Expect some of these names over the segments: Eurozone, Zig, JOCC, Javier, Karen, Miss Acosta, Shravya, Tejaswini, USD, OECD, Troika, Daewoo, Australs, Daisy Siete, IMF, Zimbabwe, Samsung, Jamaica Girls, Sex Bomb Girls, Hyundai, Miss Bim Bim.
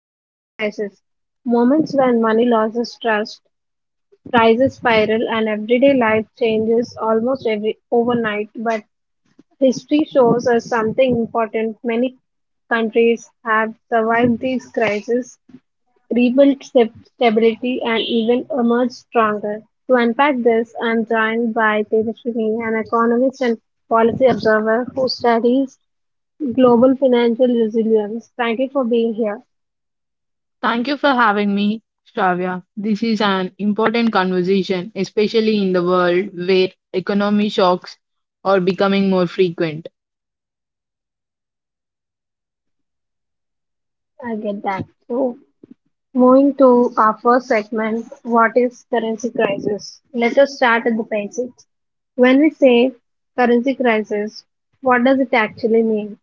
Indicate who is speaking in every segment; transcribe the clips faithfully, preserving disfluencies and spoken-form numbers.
Speaker 1: Currency crisis. Moments when money loses trust, prices spiral, and everyday life changes almost every overnight, but history shows us something important. Many countries have survived these crises, rebuild sta- stability, and even emerge stronger. To unpack this, I'm joined by Tejaswini, an economist and policy observer who studies global financial resilience. Thank you for being here.
Speaker 2: Thank you for having me, Shravya. This is an important conversation, especially in the world where economic shocks are becoming more frequent.
Speaker 1: I get that. So, moving to our first segment, what is currency crisis? Let us start at the basics. When we say currency crisis, what does it actually mean?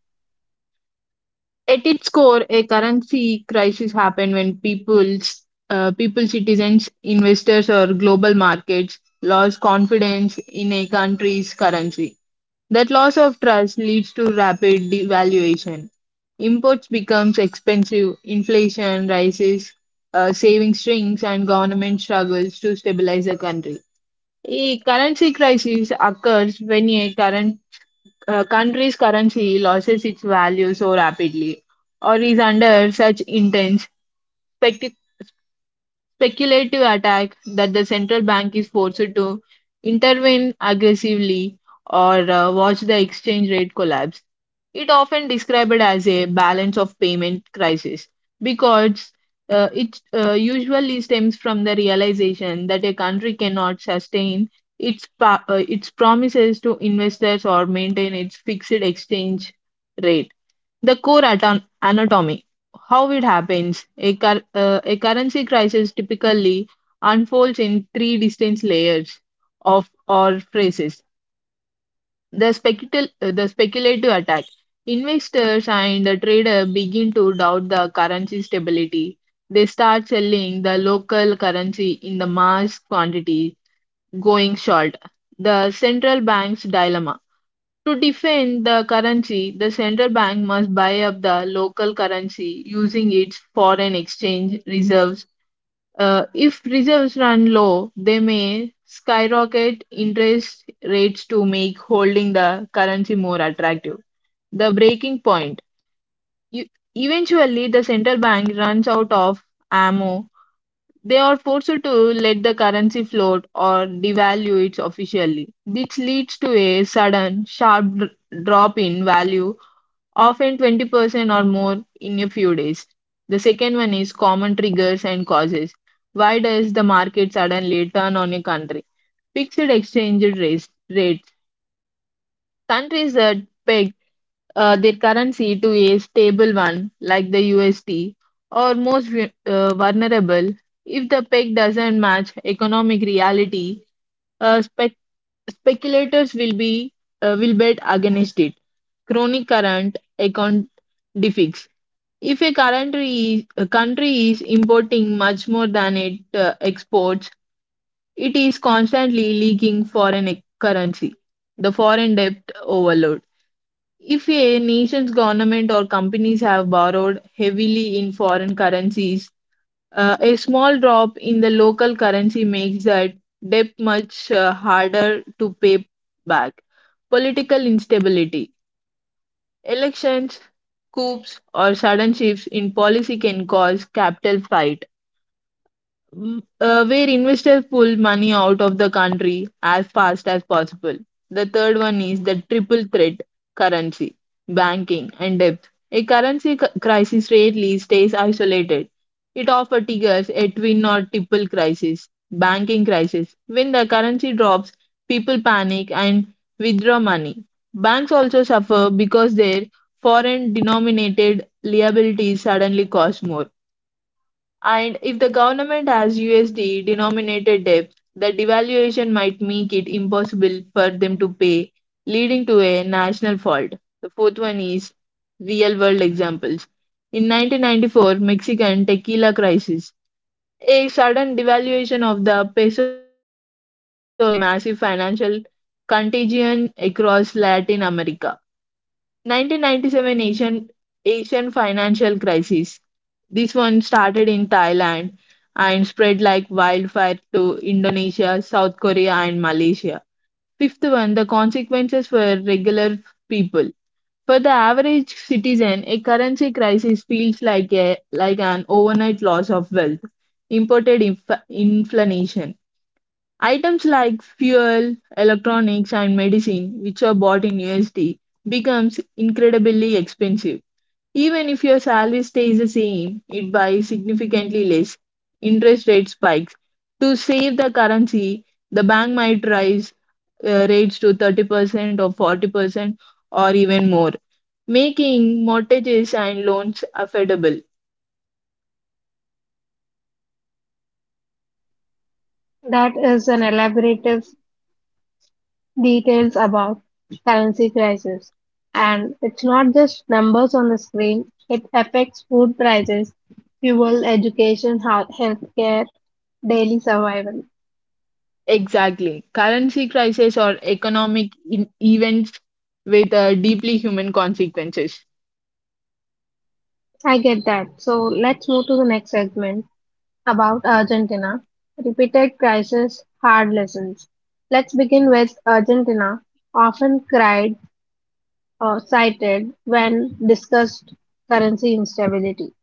Speaker 2: At its core, a currency crisis happens when people's, uh, people, citizens, investors, or global markets lose confidence in a country's currency. That loss of trust leads to rapid devaluation. Imports becomes expensive, inflation rises, uh, savings shrinks, and government struggles to stabilize the country. A currency crisis occurs when a current uh, country's currency loses its value so rapidly, or is under such intense spec- speculative attack that the central bank is forced to intervene aggressively or uh, watch the exchange rate collapse. It often described as a balance of payment crisis because uh, it uh, usually stems from the realization that a country cannot sustain its pa- uh, its promises to investors or maintain its fixed exchange rate. The core aton- anatomy, how it happens, a, cur- uh, a currency crisis typically unfolds in three distinct layers of or phases the, speculative, the speculative attack. Investors and the trader begin to doubt the currency stability. They start selling the local currency in the mass quantity, going short. The central bank's dilemma. To defend the currency, the central bank must buy up the local currency using its foreign exchange reserves. Uh, if reserves run low, they may skyrocket interest rates to make holding the currency more attractive. The breaking point. You, Eventually, the central bank runs out of ammo. They are forced to let the currency float or devalue it officially. This leads to a sudden sharp dr- drop in value often twenty percent or more in a few days. The second one is common triggers and causes. Why does the market suddenly turn on a country? Fixed exchange rates. rates. Countries that peg uh, their currency to a stable one, like the U S D, are most vu- uh, vulnerable. If the peg doesn't match economic reality, uh, spec- speculators will be uh, will bet against it. Chronic current account defix. If a country is, a country is importing much more than it uh, exports, it is constantly leaking foreign e- currency, the foreign debt overload. If a nation's government or companies have borrowed heavily in foreign currencies, uh, a small drop in the local currency makes that debt much uh, harder to pay back. Political instability. Elections, coups, or sudden shifts in policy can cause capital flight. Mm, uh, where investors pull money out of the country as fast as possible. The third one is the triple threat currency, banking, and debt. A currency c- crisis rarely stays isolated. It often triggers a twin or triple crisis, banking crisis. When the currency drops, people panic and withdraw money. Banks also suffer because their foreign denominated liabilities suddenly cost more. And if the government has U S D denominated debt, the devaluation might make it impossible for them to pay, leading to a national fault. The fourth one is real world examples. In nineteen ninety-four Mexican tequila crisis, a sudden devaluation of the peso lead, led to a massive financial contagion across Latin America. nineteen ninety-seven Asian Asian financial crisis. This one started in Thailand and spread like wildfire to Indonesia, South Korea, and Malaysia. Fifth one, the consequences for regular people. For the average citizen, a currency crisis feels like a like an overnight loss of wealth, imported inf- inflation, items like fuel, electronics, and medicine, which are bought in U S D, becomes incredibly expensive. Even if your salary stays the same, it buys significantly less. Interest rate spikes. To save the currency, the bank might raise uh, rates to thirty percent or forty percent or even more, making mortgages and loans affordable.
Speaker 1: That is an elaborative details about currency crisis. And it's not just numbers on the screen, it affects food prices, fuel, education, health, healthcare, daily survival.
Speaker 2: Exactly. Currency crisis or economic in- events with uh, deeply human consequences.
Speaker 1: I get that. So let's move to the next segment about Argentina. Repeated crisis, hard lessons. Let's begin with Argentina, often cried or cited when discussed currency instability.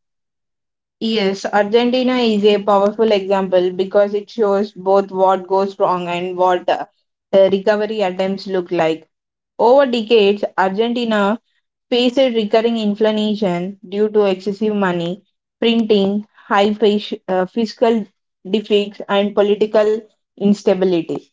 Speaker 2: Yes, Argentina is a powerful example because it shows both what goes wrong and what uh, the recovery attempts look like. Over decades, Argentina faced recurring inflation due to excessive money printing, high fish, uh, fiscal deficits, and political instability.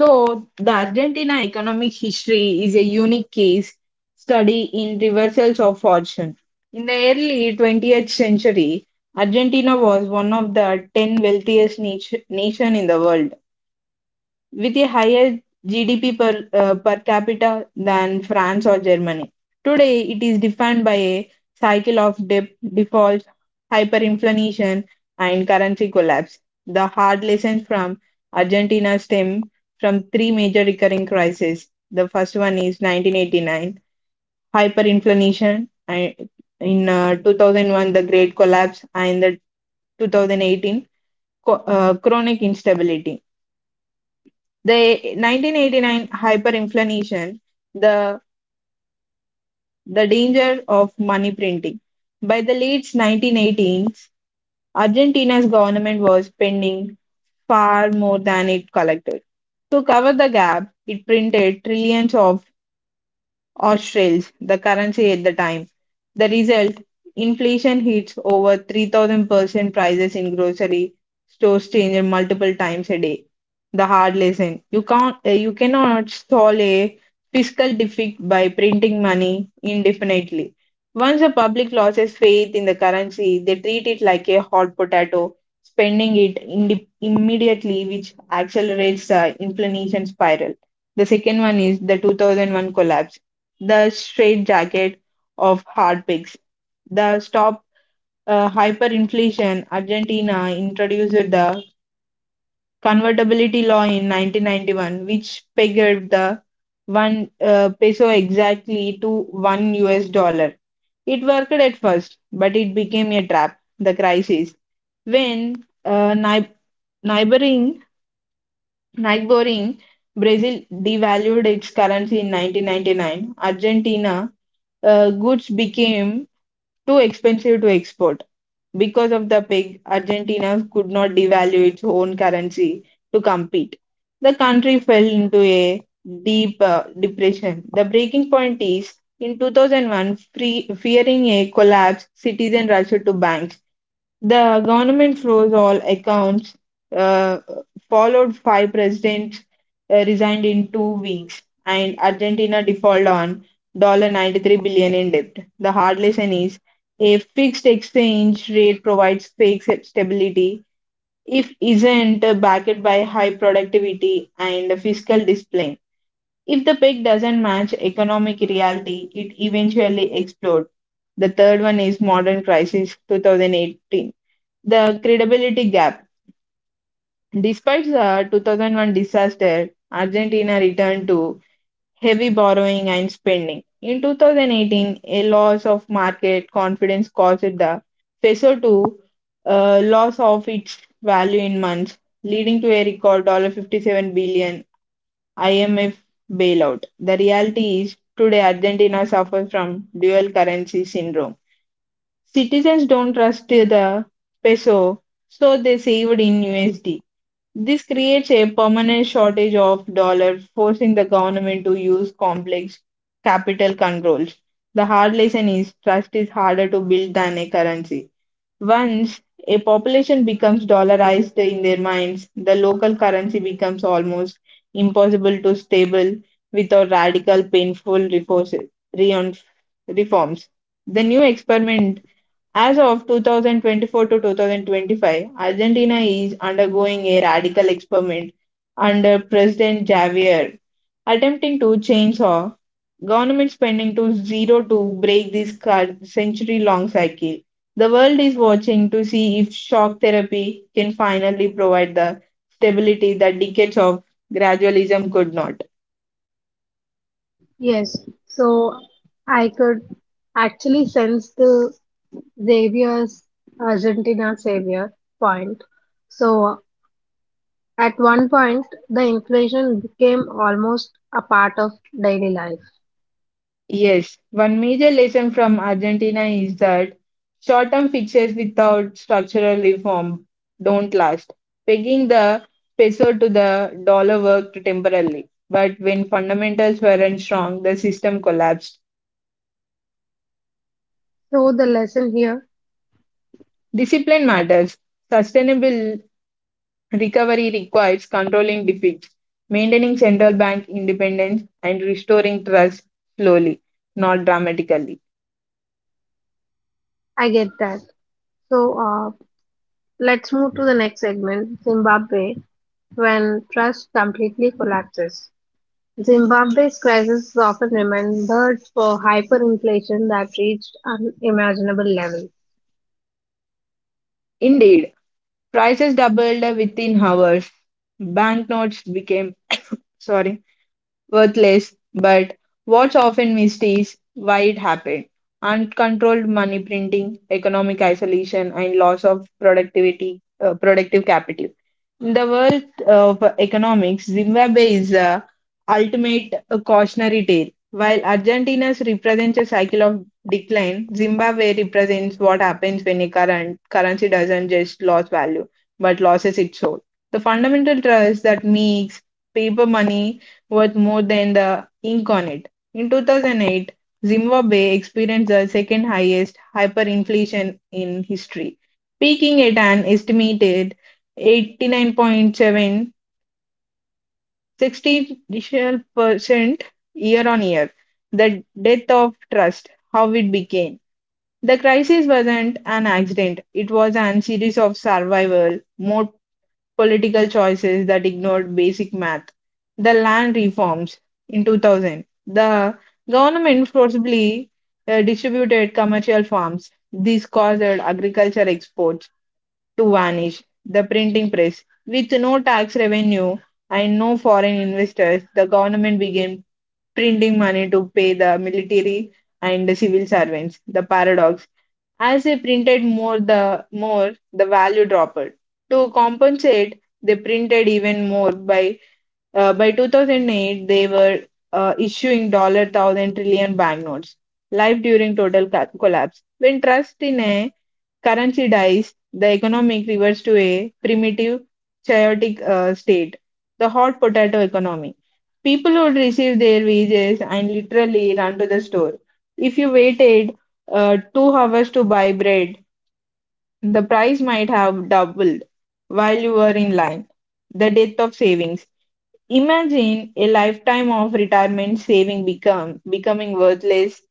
Speaker 2: So, the Argentina economic history is a unique case study in reversals of fortune. In the early twentieth century, Argentina was one of the ten wealthiest nation nations in the world with a higher G D P per, uh, per capita than France or Germany. Today, it is defined by a cycle of dip, default, hyperinflation, and currency collapse. The hard lessons from Argentina stem from three major recurring crises. The first one is nineteen eighty-nine, hyperinflation, and in uh, two thousand one, the Great Collapse, and the two thousand eighteen, co- uh, chronic instability. The nineteen eighty-nine hyperinflation, the, the danger of money printing. By the late nineteen eighteens, Argentina's government was spending far more than it collected. To cover the gap, it printed trillions of Australs, the currency at the time. The result, inflation hits over three thousand percent prices in grocery stores change multiple times a day. The hard lesson, you can't uh, you cannot solve a fiscal defect by printing money indefinitely. Once the public loses faith in the currency, they treat it like a hot potato, spending it indi- immediately, which accelerates the inflation spiral. The second one is the two thousand one collapse the straitjacket of hard hardpigs. The stop uh, hyperinflation, Argentina introduced the convertibility law in nineteen ninety-one, which pegged the one uh, peso exactly to one U S dollar. It worked at first, but it became a trap. The crisis when uh, ni- neighboring neighboring Brazil devalued its currency in nineteen ninety-nine, Argentina uh, goods became too expensive to export. Because of the peg, Argentina could not devalue its own currency to compete. The country fell into a deep uh, depression. The breaking point is in two thousand one, free, fearing a collapse, citizens rushed to banks. The government froze all accounts, uh, followed five presidents uh, resigned in two weeks, and Argentina defaulted on ninety-three billion dollars in debt. The hard lesson is a fixed exchange rate provides fake stability if isn't backed by high productivity and fiscal discipline. If the peg doesn't match economic reality, it eventually explodes. The third one is modern crisis twenty eighteen. The credibility gap. Despite the two thousand one disaster, Argentina returned to heavy borrowing and spending. In two thousand eighteen, a loss of market confidence caused the peso to uh, loss of its value in months, leading to a record fifty-seven dollars I M F bailout. The reality is today Argentina suffers from dual currency syndrome. Citizens don't trust the peso, so they saved in U S D. This creates a permanent shortage of dollar, forcing the government to use complex capital controls. The hard lesson is trust is harder to build than a currency. Once a population becomes dollarized in their minds, the local currency becomes almost impossible to stable without radical, painful reforces- reon- reforms. The new experiment as of two thousand twenty-four to two thousand twenty-five, Argentina is undergoing a radical experiment under President Javier, attempting to chainsaw government spending to zero to break this century long cycle. The world is watching to see if shock therapy can finally provide the stability that decades of gradualism could not.
Speaker 1: Yes, so I could actually sense the Xavier's Argentina Xavier point. So at one point, the inflation became almost a part of daily life.
Speaker 2: Yes, one major lesson from Argentina is that short term fixes without structural reform don't last. Pegging the peso to the dollar worked temporarily, but when fundamentals weren't strong, the system collapsed.
Speaker 1: So the lesson here,
Speaker 2: Discipline matters. Sustainable recovery requires controlling deficits, maintaining central bank independence, and restoring trust slowly, not dramatically.
Speaker 1: I get that. So uh, let's move to the next segment, Zimbabwe, when trust completely collapses. Zimbabwe's crisis is often remembered for hyperinflation that reached unimaginable levels.
Speaker 2: Indeed, prices doubled within hours. Banknotes became sorry worthless, but what's often missed is why it happened. Uncontrolled money printing, economic isolation, and loss of productivity, uh, productive capital. In the world of economics, Zimbabwe is a ultimate uh, cautionary tale. While Argentina's represents a cycle of decline, Zimbabwe represents what happens when a current currency doesn't just lose value, but loses its soul. The fundamental trust that makes paper money worth more than the ink on it. In two thousand eight, Zimbabwe experienced the second highest hyperinflation in history, peaking at an estimated eighty-nine thousand seven hundred sixty percent year on year. The death of trust, how it became. The crisis wasn't an accident, it was an series of survival, more political choices that ignored basic math, the land reforms in two thousand, the government forcibly uh, distributed commercial farms. This caused agriculture exports to vanish, the printing press. With no tax revenue and no foreign investors, the government began printing money to pay the military and the civil servants. The paradox as they printed more the more the value dropped. To compensate, they printed even more. By uh, by two thousand eight, they were uh, issuing dollar thousand trillion banknotes. Life during total ca- collapse. When trust in a currency dies, the economic reverts to a primitive, chaotic uh, state, the hot potato economy. People would receive their wages and literally run to the store. If you waited uh, two hours to buy bread, the price might have doubled while you were in line. The death of savings. Imagine a lifetime of retirement saving become becoming worthless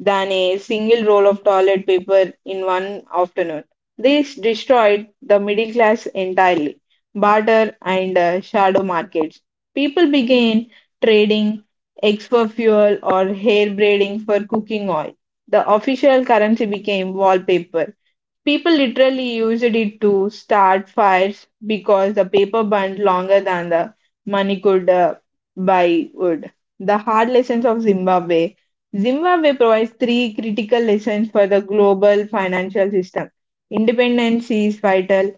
Speaker 2: than a single roll of toilet paper in one afternoon. This destroyed the middle class entirely. Barter and uh, shadow markets. People began trading eggs for fuel or hair braiding for cooking oil. The official currency became wallpaper. People literally used it to start fires because the paper burned longer than the money could uh, buy wood. The hard lessons of Zimbabwe. Zimbabwe provides three critical lessons for the global financial system. Independence is vital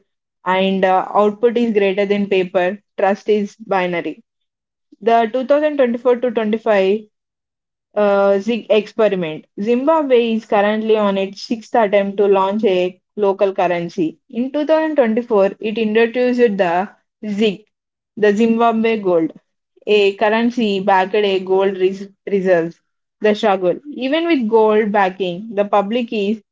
Speaker 2: and uh, output is greater than paper. Trust is binary. The twenty twenty-four to twenty-five uh, Zig experiment. Zimbabwe is currently on its sixth attempt to launch a local currency. In two thousand twenty-four, it introduced the Zig, the Zimbabwe gold, a currency backed by gold res- reserves. The struggle. Even with gold backing, the public is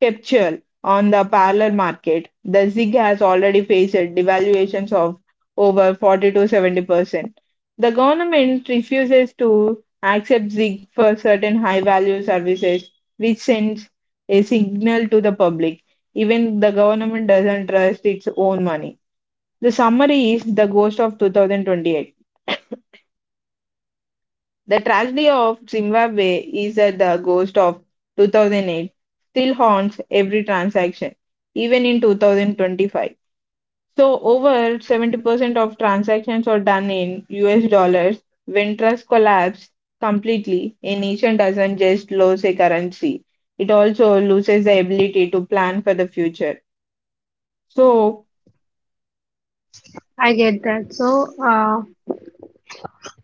Speaker 2: capture on the parallel market, the ZIG has already faced devaluations of over forty to seventy percent. The government refuses to accept ZIG for certain high value services, which sends a signal to the public. Even the government doesn't trust its own money. The summary is the ghost of two thousand twenty-eight. The tragedy of Zimbabwe is that the ghost of two thousand eight still haunts every transaction, even in two thousand twenty-five. So, over seventy percent of transactions are done in U S dollars. When trust collapse completely, a nation doesn't just lose a currency, it also loses the ability to plan for the future. So,
Speaker 1: I get that. So, uh,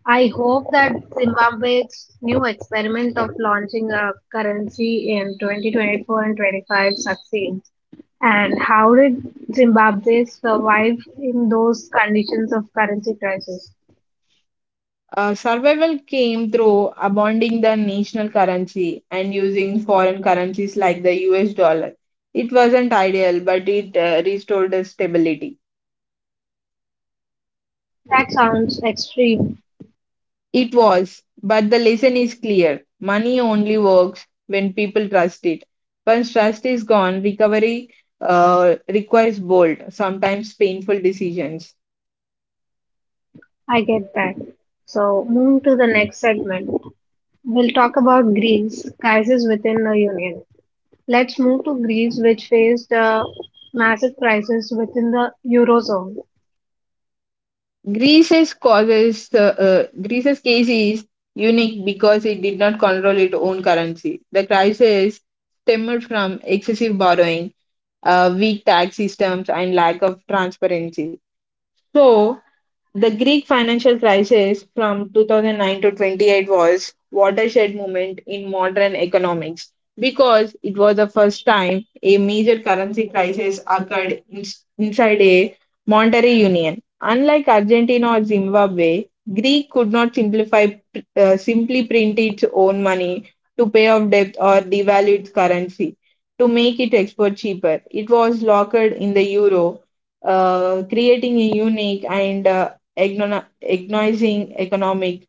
Speaker 1: I hope that Zimbabwe's new experiment of launching a currency in twenty twenty-four and twenty-five succeeds. And how did Zimbabwe survive in those conditions of currency crisis?
Speaker 2: uh, survival came through abounding the national currency and using foreign currencies like the U S dollar. It wasn't ideal, but it uh, restored the stability.
Speaker 1: That sounds extreme.
Speaker 2: It was, but the lesson is clear. Money only works when people trust it. Once trust is gone, recovery uh, requires bold, sometimes painful decisions.
Speaker 1: I get that. So, moving to the next segment, we'll talk about Greece, crisis within the Union. Let's move to Greece, which faced a massive crisis within the Eurozone.
Speaker 2: Greece's causes uh, uh, Greece's case is unique because it did not control its own currency. The crisis stemmed from excessive borrowing, uh, weak tax systems, and lack of transparency. So the Greek financial crisis from two thousand nine to twenty-eight was watershed moment in modern economics because it was the first time a major currency crisis occurred in, inside a monetary union. Unlike Argentina or Zimbabwe, Greek could not simplify uh, simply print its own money to pay off debt or devalue its currency to make its export cheaper. It was locked in the euro uh, creating a unique and uh, agno- agonizing economic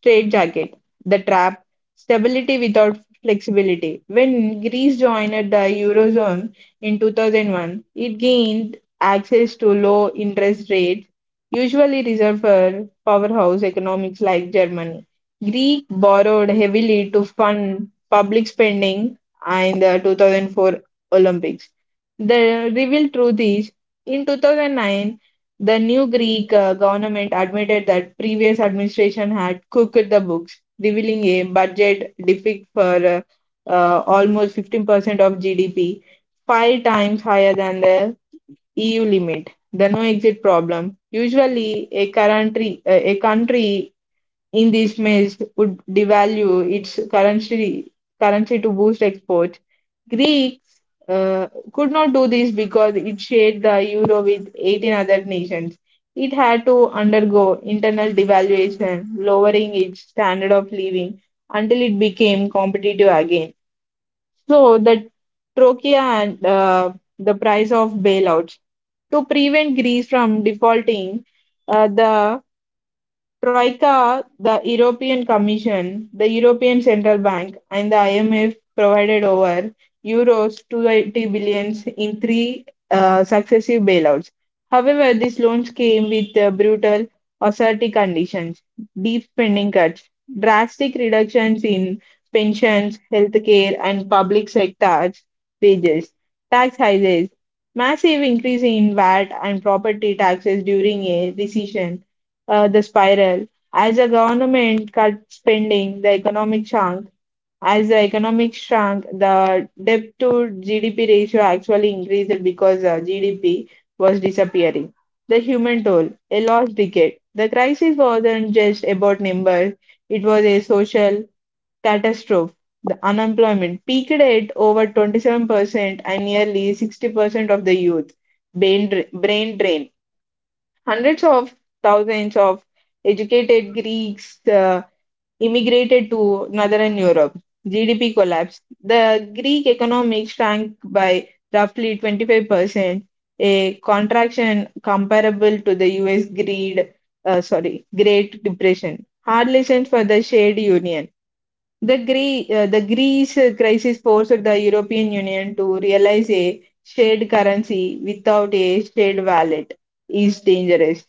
Speaker 2: straitjacket, the trap, stability without flexibility. When Greece joined the Eurozone in two thousand one, it gained access to low interest rates, usually reserved for powerhouse economies like Germany. Greece borrowed heavily to fund public spending in the two thousand four Olympics. The revealed truth is in two thousand nine, the new Greek uh, government admitted that previous administration had cooked the books, revealing a budget deficit for uh, uh, almost fifteen percent of G D P, five times higher than the E U limit. The no exit problem. Usually, a country uh, a country in this mess would devalue its currency currency to boost exports Greeks uh, could not do this because it shared the euro with eighteen other nations. It had to undergo internal devaluation, lowering its standard of living until it became competitive again. So the trochea and uh, the price of bailouts. To prevent Greece from defaulting, uh, the Troika, the European Commission, the European Central Bank, and the I M F provided over euros two hundred eighty billions in three uh, successive bailouts. However, these loans came with uh, brutal austerity conditions, deep spending cuts, drastic reductions in pensions, healthcare, and public sectors wages, tax hikes, massive increase in V A T and property taxes during a recession uh, the spiral. As the government cuts spending, the economic shrunk. As the economic shrunk, the debt to G D P ratio actually increased because uh, G D P was disappearing. The human toll, a lost decade. The crisis wasn't just about numbers, it was a social catastrophe. The unemployment peaked at over twenty-seven percent and nearly sixty percent of the youth brain, brain drain. Hundreds of thousands of educated Greeks uh, immigrated to northern Europe. G D P collapsed. The Greek economy shrank by roughly twenty-five percent, a contraction comparable to the U S greed, uh, sorry, Great Depression. Hard lessons for the shared union. The, Gre- uh, the Greece crisis forced the European Union to realize a shared currency without a shared wallet is dangerous.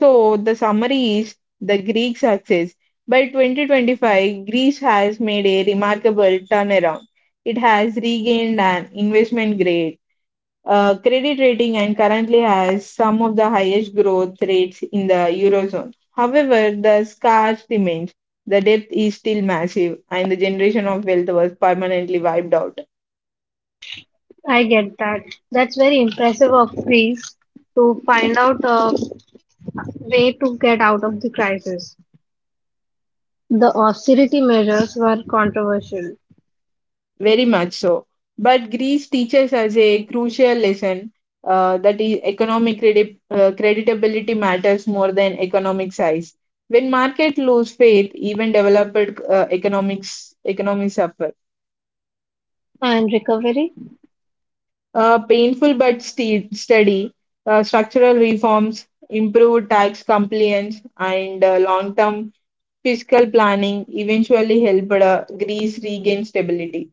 Speaker 2: So the summary is the Greek success. By twenty twenty-five, Greece has made a remarkable turnaround. It has regained an investment grade uh, credit rating and currently has some of the highest growth rates in the Eurozone. However, the scars remain. The depth is still massive, and the generation of wealth was permanently wiped out.
Speaker 1: I get that. That's very impressive of Greece to find out a way to get out of the crisis. The austerity measures were controversial.
Speaker 2: Very much so. But Greece teaches us a crucial lesson uh, that is economic credi- uh, creditability matters more than economic size. When market lose faith, even developed uh, economics economies suffer.
Speaker 1: And recovery?
Speaker 2: Uh, painful but ste- steady uh, structural reforms, improved tax compliance, and uh, long-term fiscal planning eventually helped uh, Greece regain stability.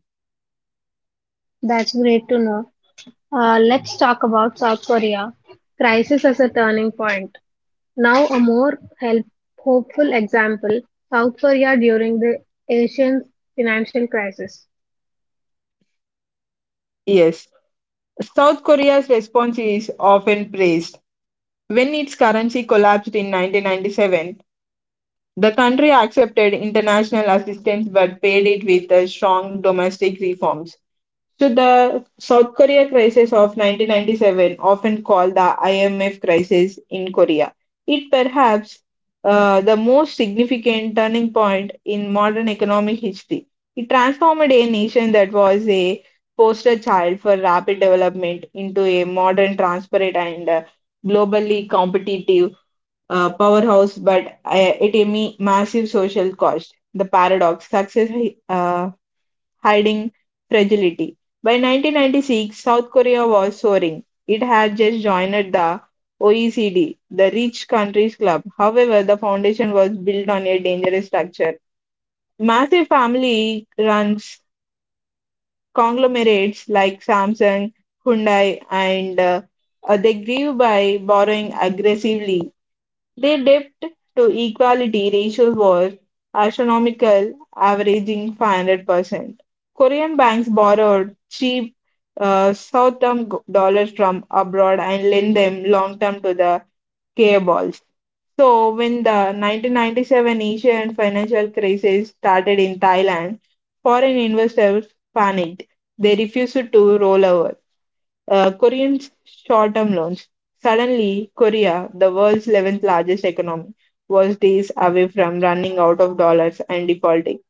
Speaker 1: That's great to know. Uh, let's talk about South Korea. Crisis as a turning point. Now, a more help, hopeful example, South Korea during the Asian financial crisis.
Speaker 2: Yes. South Korea's response is often praised. When its currency collapsed in nineteen ninety-seven, the country accepted international assistance but paid it with uh, strong domestic reforms. So, the South Korea crisis of nineteen ninety-seven, often called the I M F crisis in Korea, it perhaps uh, the most significant turning point in modern economic history. It transformed a nation that was a poster child for rapid development into a modern, transparent, and uh, globally competitive uh, powerhouse, but uh, it a me- massive social cost. The paradox success uh, hiding fragility. By nineteen ninety-six, South Korea was soaring. It had just joined the O E C D, the Rich Countries Club. However, the foundation was built on a dangerous structure. Massive family runs conglomerates like Samsung, Hyundai, and uh, uh, they grew by borrowing aggressively they dipped to equality ratio was astronomical, averaging five hundred percent. Korean banks borrowed cheap uh, short-term g- dollars from abroad and lent them long-term to the K balls. So when the nineteen ninety-seven Asian financial crisis started in Thailand, foreign investors panicked. They refused to roll over. Uh, Koreans' short term loans. Suddenly, Korea, the world's eleventh largest economy, was days away from running out of dollars and defaulting.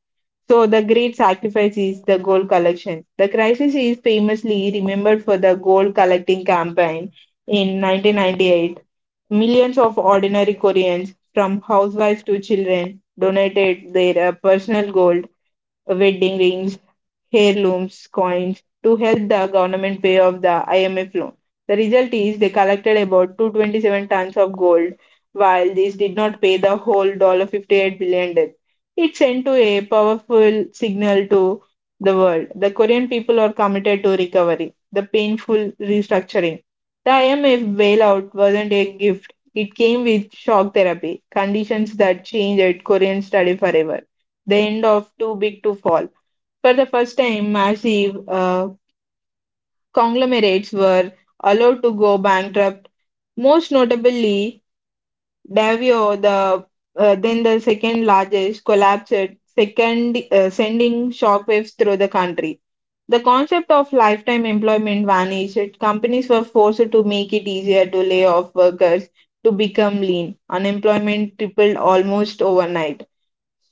Speaker 2: So, the great sacrifice is the gold collection. The crisis is famously remembered for the gold collecting campaign in nineteen ninety-eight. Millions of ordinary Koreans, from housewives to children, donated their uh, personal gold, wedding rings, heirlooms, coins to help the government pay off the I M F loan. The result is they collected about two hundred twenty-seven tons of gold, while this did not pay the whole fifty-eight billion dollars debt. It sent to a powerful signal to the world. The Korean people are committed to recovery, the painful restructuring. The I M F bailout wasn't a gift. It came with shock therapy, conditions that changed Korean study forever. The end of Too Big to Fall. For the first time, massive uh, conglomerates were allowed to go bankrupt, most notably Davio, the uh, then the second largest, collapsed, second, uh, sending shockwaves through the country. The concept of lifetime employment vanished. Companies were forced to make it easier to lay off workers to become lean. Unemployment tripled almost overnight.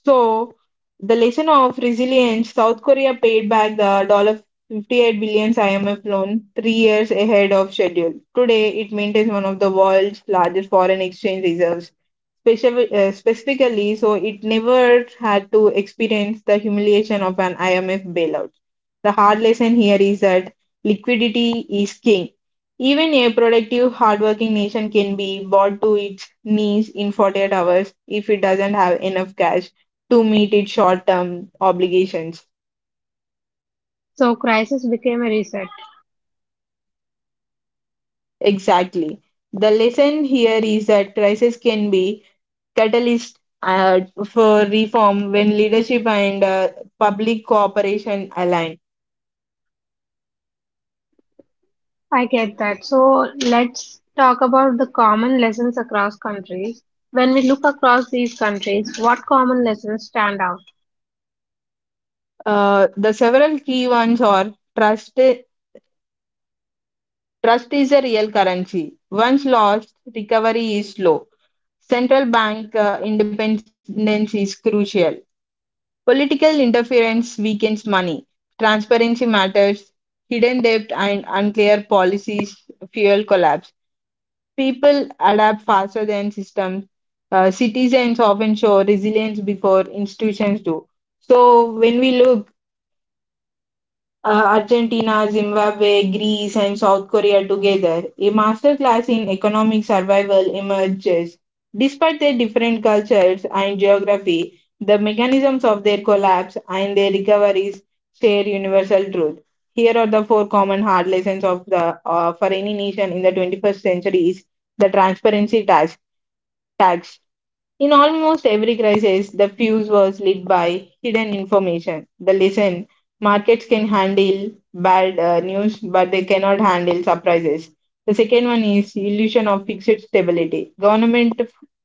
Speaker 2: So, the lesson of resilience South Korea paid back the dollar fifty-eight billion dollars I M F loan three years ahead of schedule. Today, it maintains one of the world's largest foreign exchange reserves. Specif- uh, specifically, so it never had to experience the humiliation of an I M F bailout. The hard lesson here is that liquidity is king. Even a productive, hardworking nation can be brought to its knees in forty-eight hours if it doesn't have enough cash to meet its short term obligations.
Speaker 1: So, crisis became a reset.
Speaker 2: Exactly. The lesson here is that crisis can be catalyst uh, for reform when leadership and uh, public cooperation align.
Speaker 1: I get that. So let's talk about the common lessons across countries. When we look across these countries, what common lessons stand out?
Speaker 2: Uh, the several key ones are trust. Trust is a real currency. Once lost, recovery is slow. Central bank uh, independence is crucial. Political interference weakens money. Transparency matters. Hidden debt and unclear policies fuel collapse. People adapt faster than systems. Uh, citizens often show resilience before institutions do. So when we look uh, Argentina, Zimbabwe, Greece, and South Korea together, a masterclass in economic survival emerges. Despite their different cultures and geography, the mechanisms of their collapse and their recoveries share universal truth. Here are the four common hard lessons of the uh, for any nation in the twenty-first century is the transparency task tags in almost every crisis, the fuse was lit by hidden information. The lesson markets can handle bad uh, news, but they cannot handle surprises. The second one is illusion of fixed stability. Government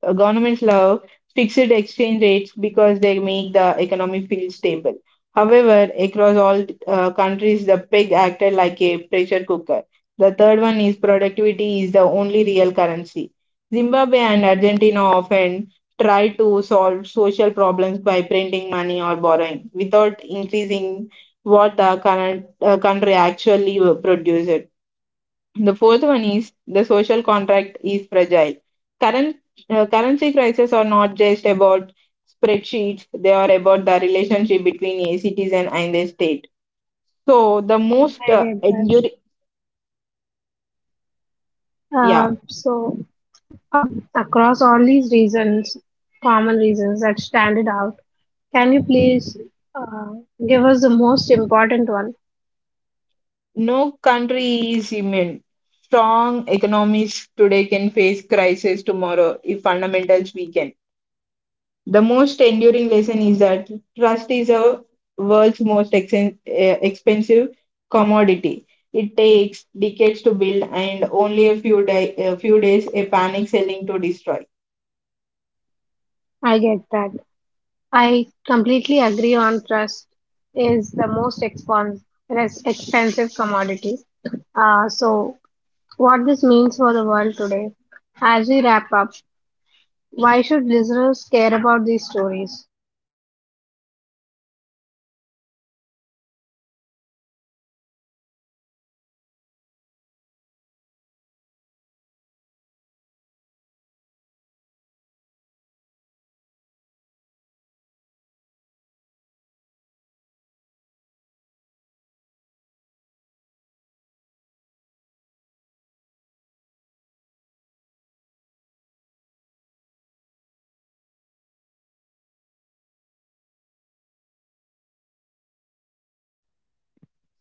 Speaker 2: uh, governments love fixed exchange rates because they make the economy feel stable. However, across all uh, countries, the peg acted like a pressure cooker. The third one is productivity is the only real currency. Zimbabwe and Argentina often try to solve social problems by printing money or borrowing without increasing what the current uh, country actually produces. The fourth one is the social contract is fragile. Current uh, currency crises are not just about spreadsheets; they are about the relationship between a citizen and the state. So the most
Speaker 1: I
Speaker 2: uh,
Speaker 1: get that.
Speaker 2: enduring, yeah,
Speaker 1: Uh, so ab- across all these reasons, common reasons that stand it out, can you please uh, give us the most important one?
Speaker 2: no country is immune. Strong economies today can face crisis tomorrow if fundamentals weaken. The most enduring lesson is that trust is our world's most exen- eh, expensive commodity. It takes decades to build and only a few, day, a few days a panic selling to destroy.
Speaker 1: I get that. I completely agree on trust is the most expons- less expensive commodity. Uh, so what this means for the world today. As we wrap up, why should listeners care about these stories?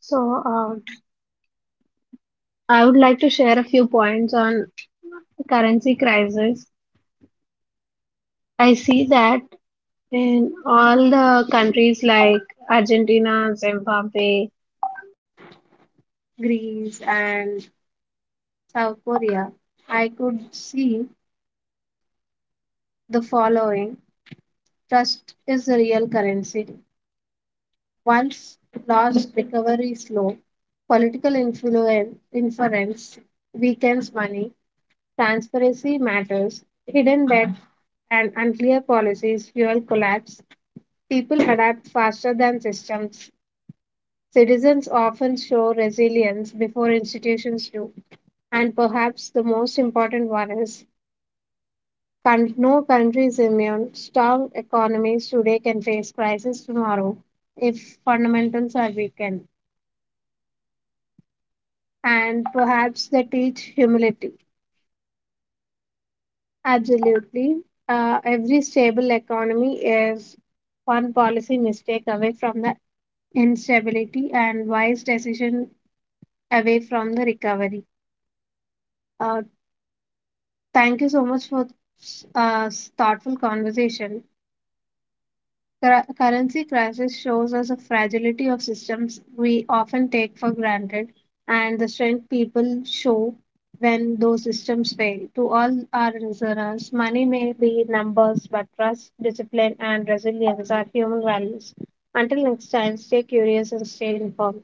Speaker 1: So, uh, I would like to share a few points on currency crisis. I see that in all the countries like Argentina, Zimbabwe, Greece, and South Korea, I could see the following: trust is the real currency. Once lost, recovery is slow. Political influence, inference weakens money. Transparency matters, hidden debt and unclear policies fuel collapse. People adapt faster than systems. Citizens often show resilience before institutions do. And perhaps the most important one is, con- no country is immune. Strong economies today can face crisis tomorrow if fundamentals are weakened, and perhaps they teach humility. Absolutely. Uh, every stable economy is one policy mistake away from the instability and wise decision away from the recovery. Uh, Thank you so much for a thoughtful conversation. Cur- currency crisis shows us the fragility of systems we often take for granted and the strength people show when those systems fail. To all our listeners, money may be numbers, but trust, discipline, and resilience are human values. Until next time, stay curious and stay informed.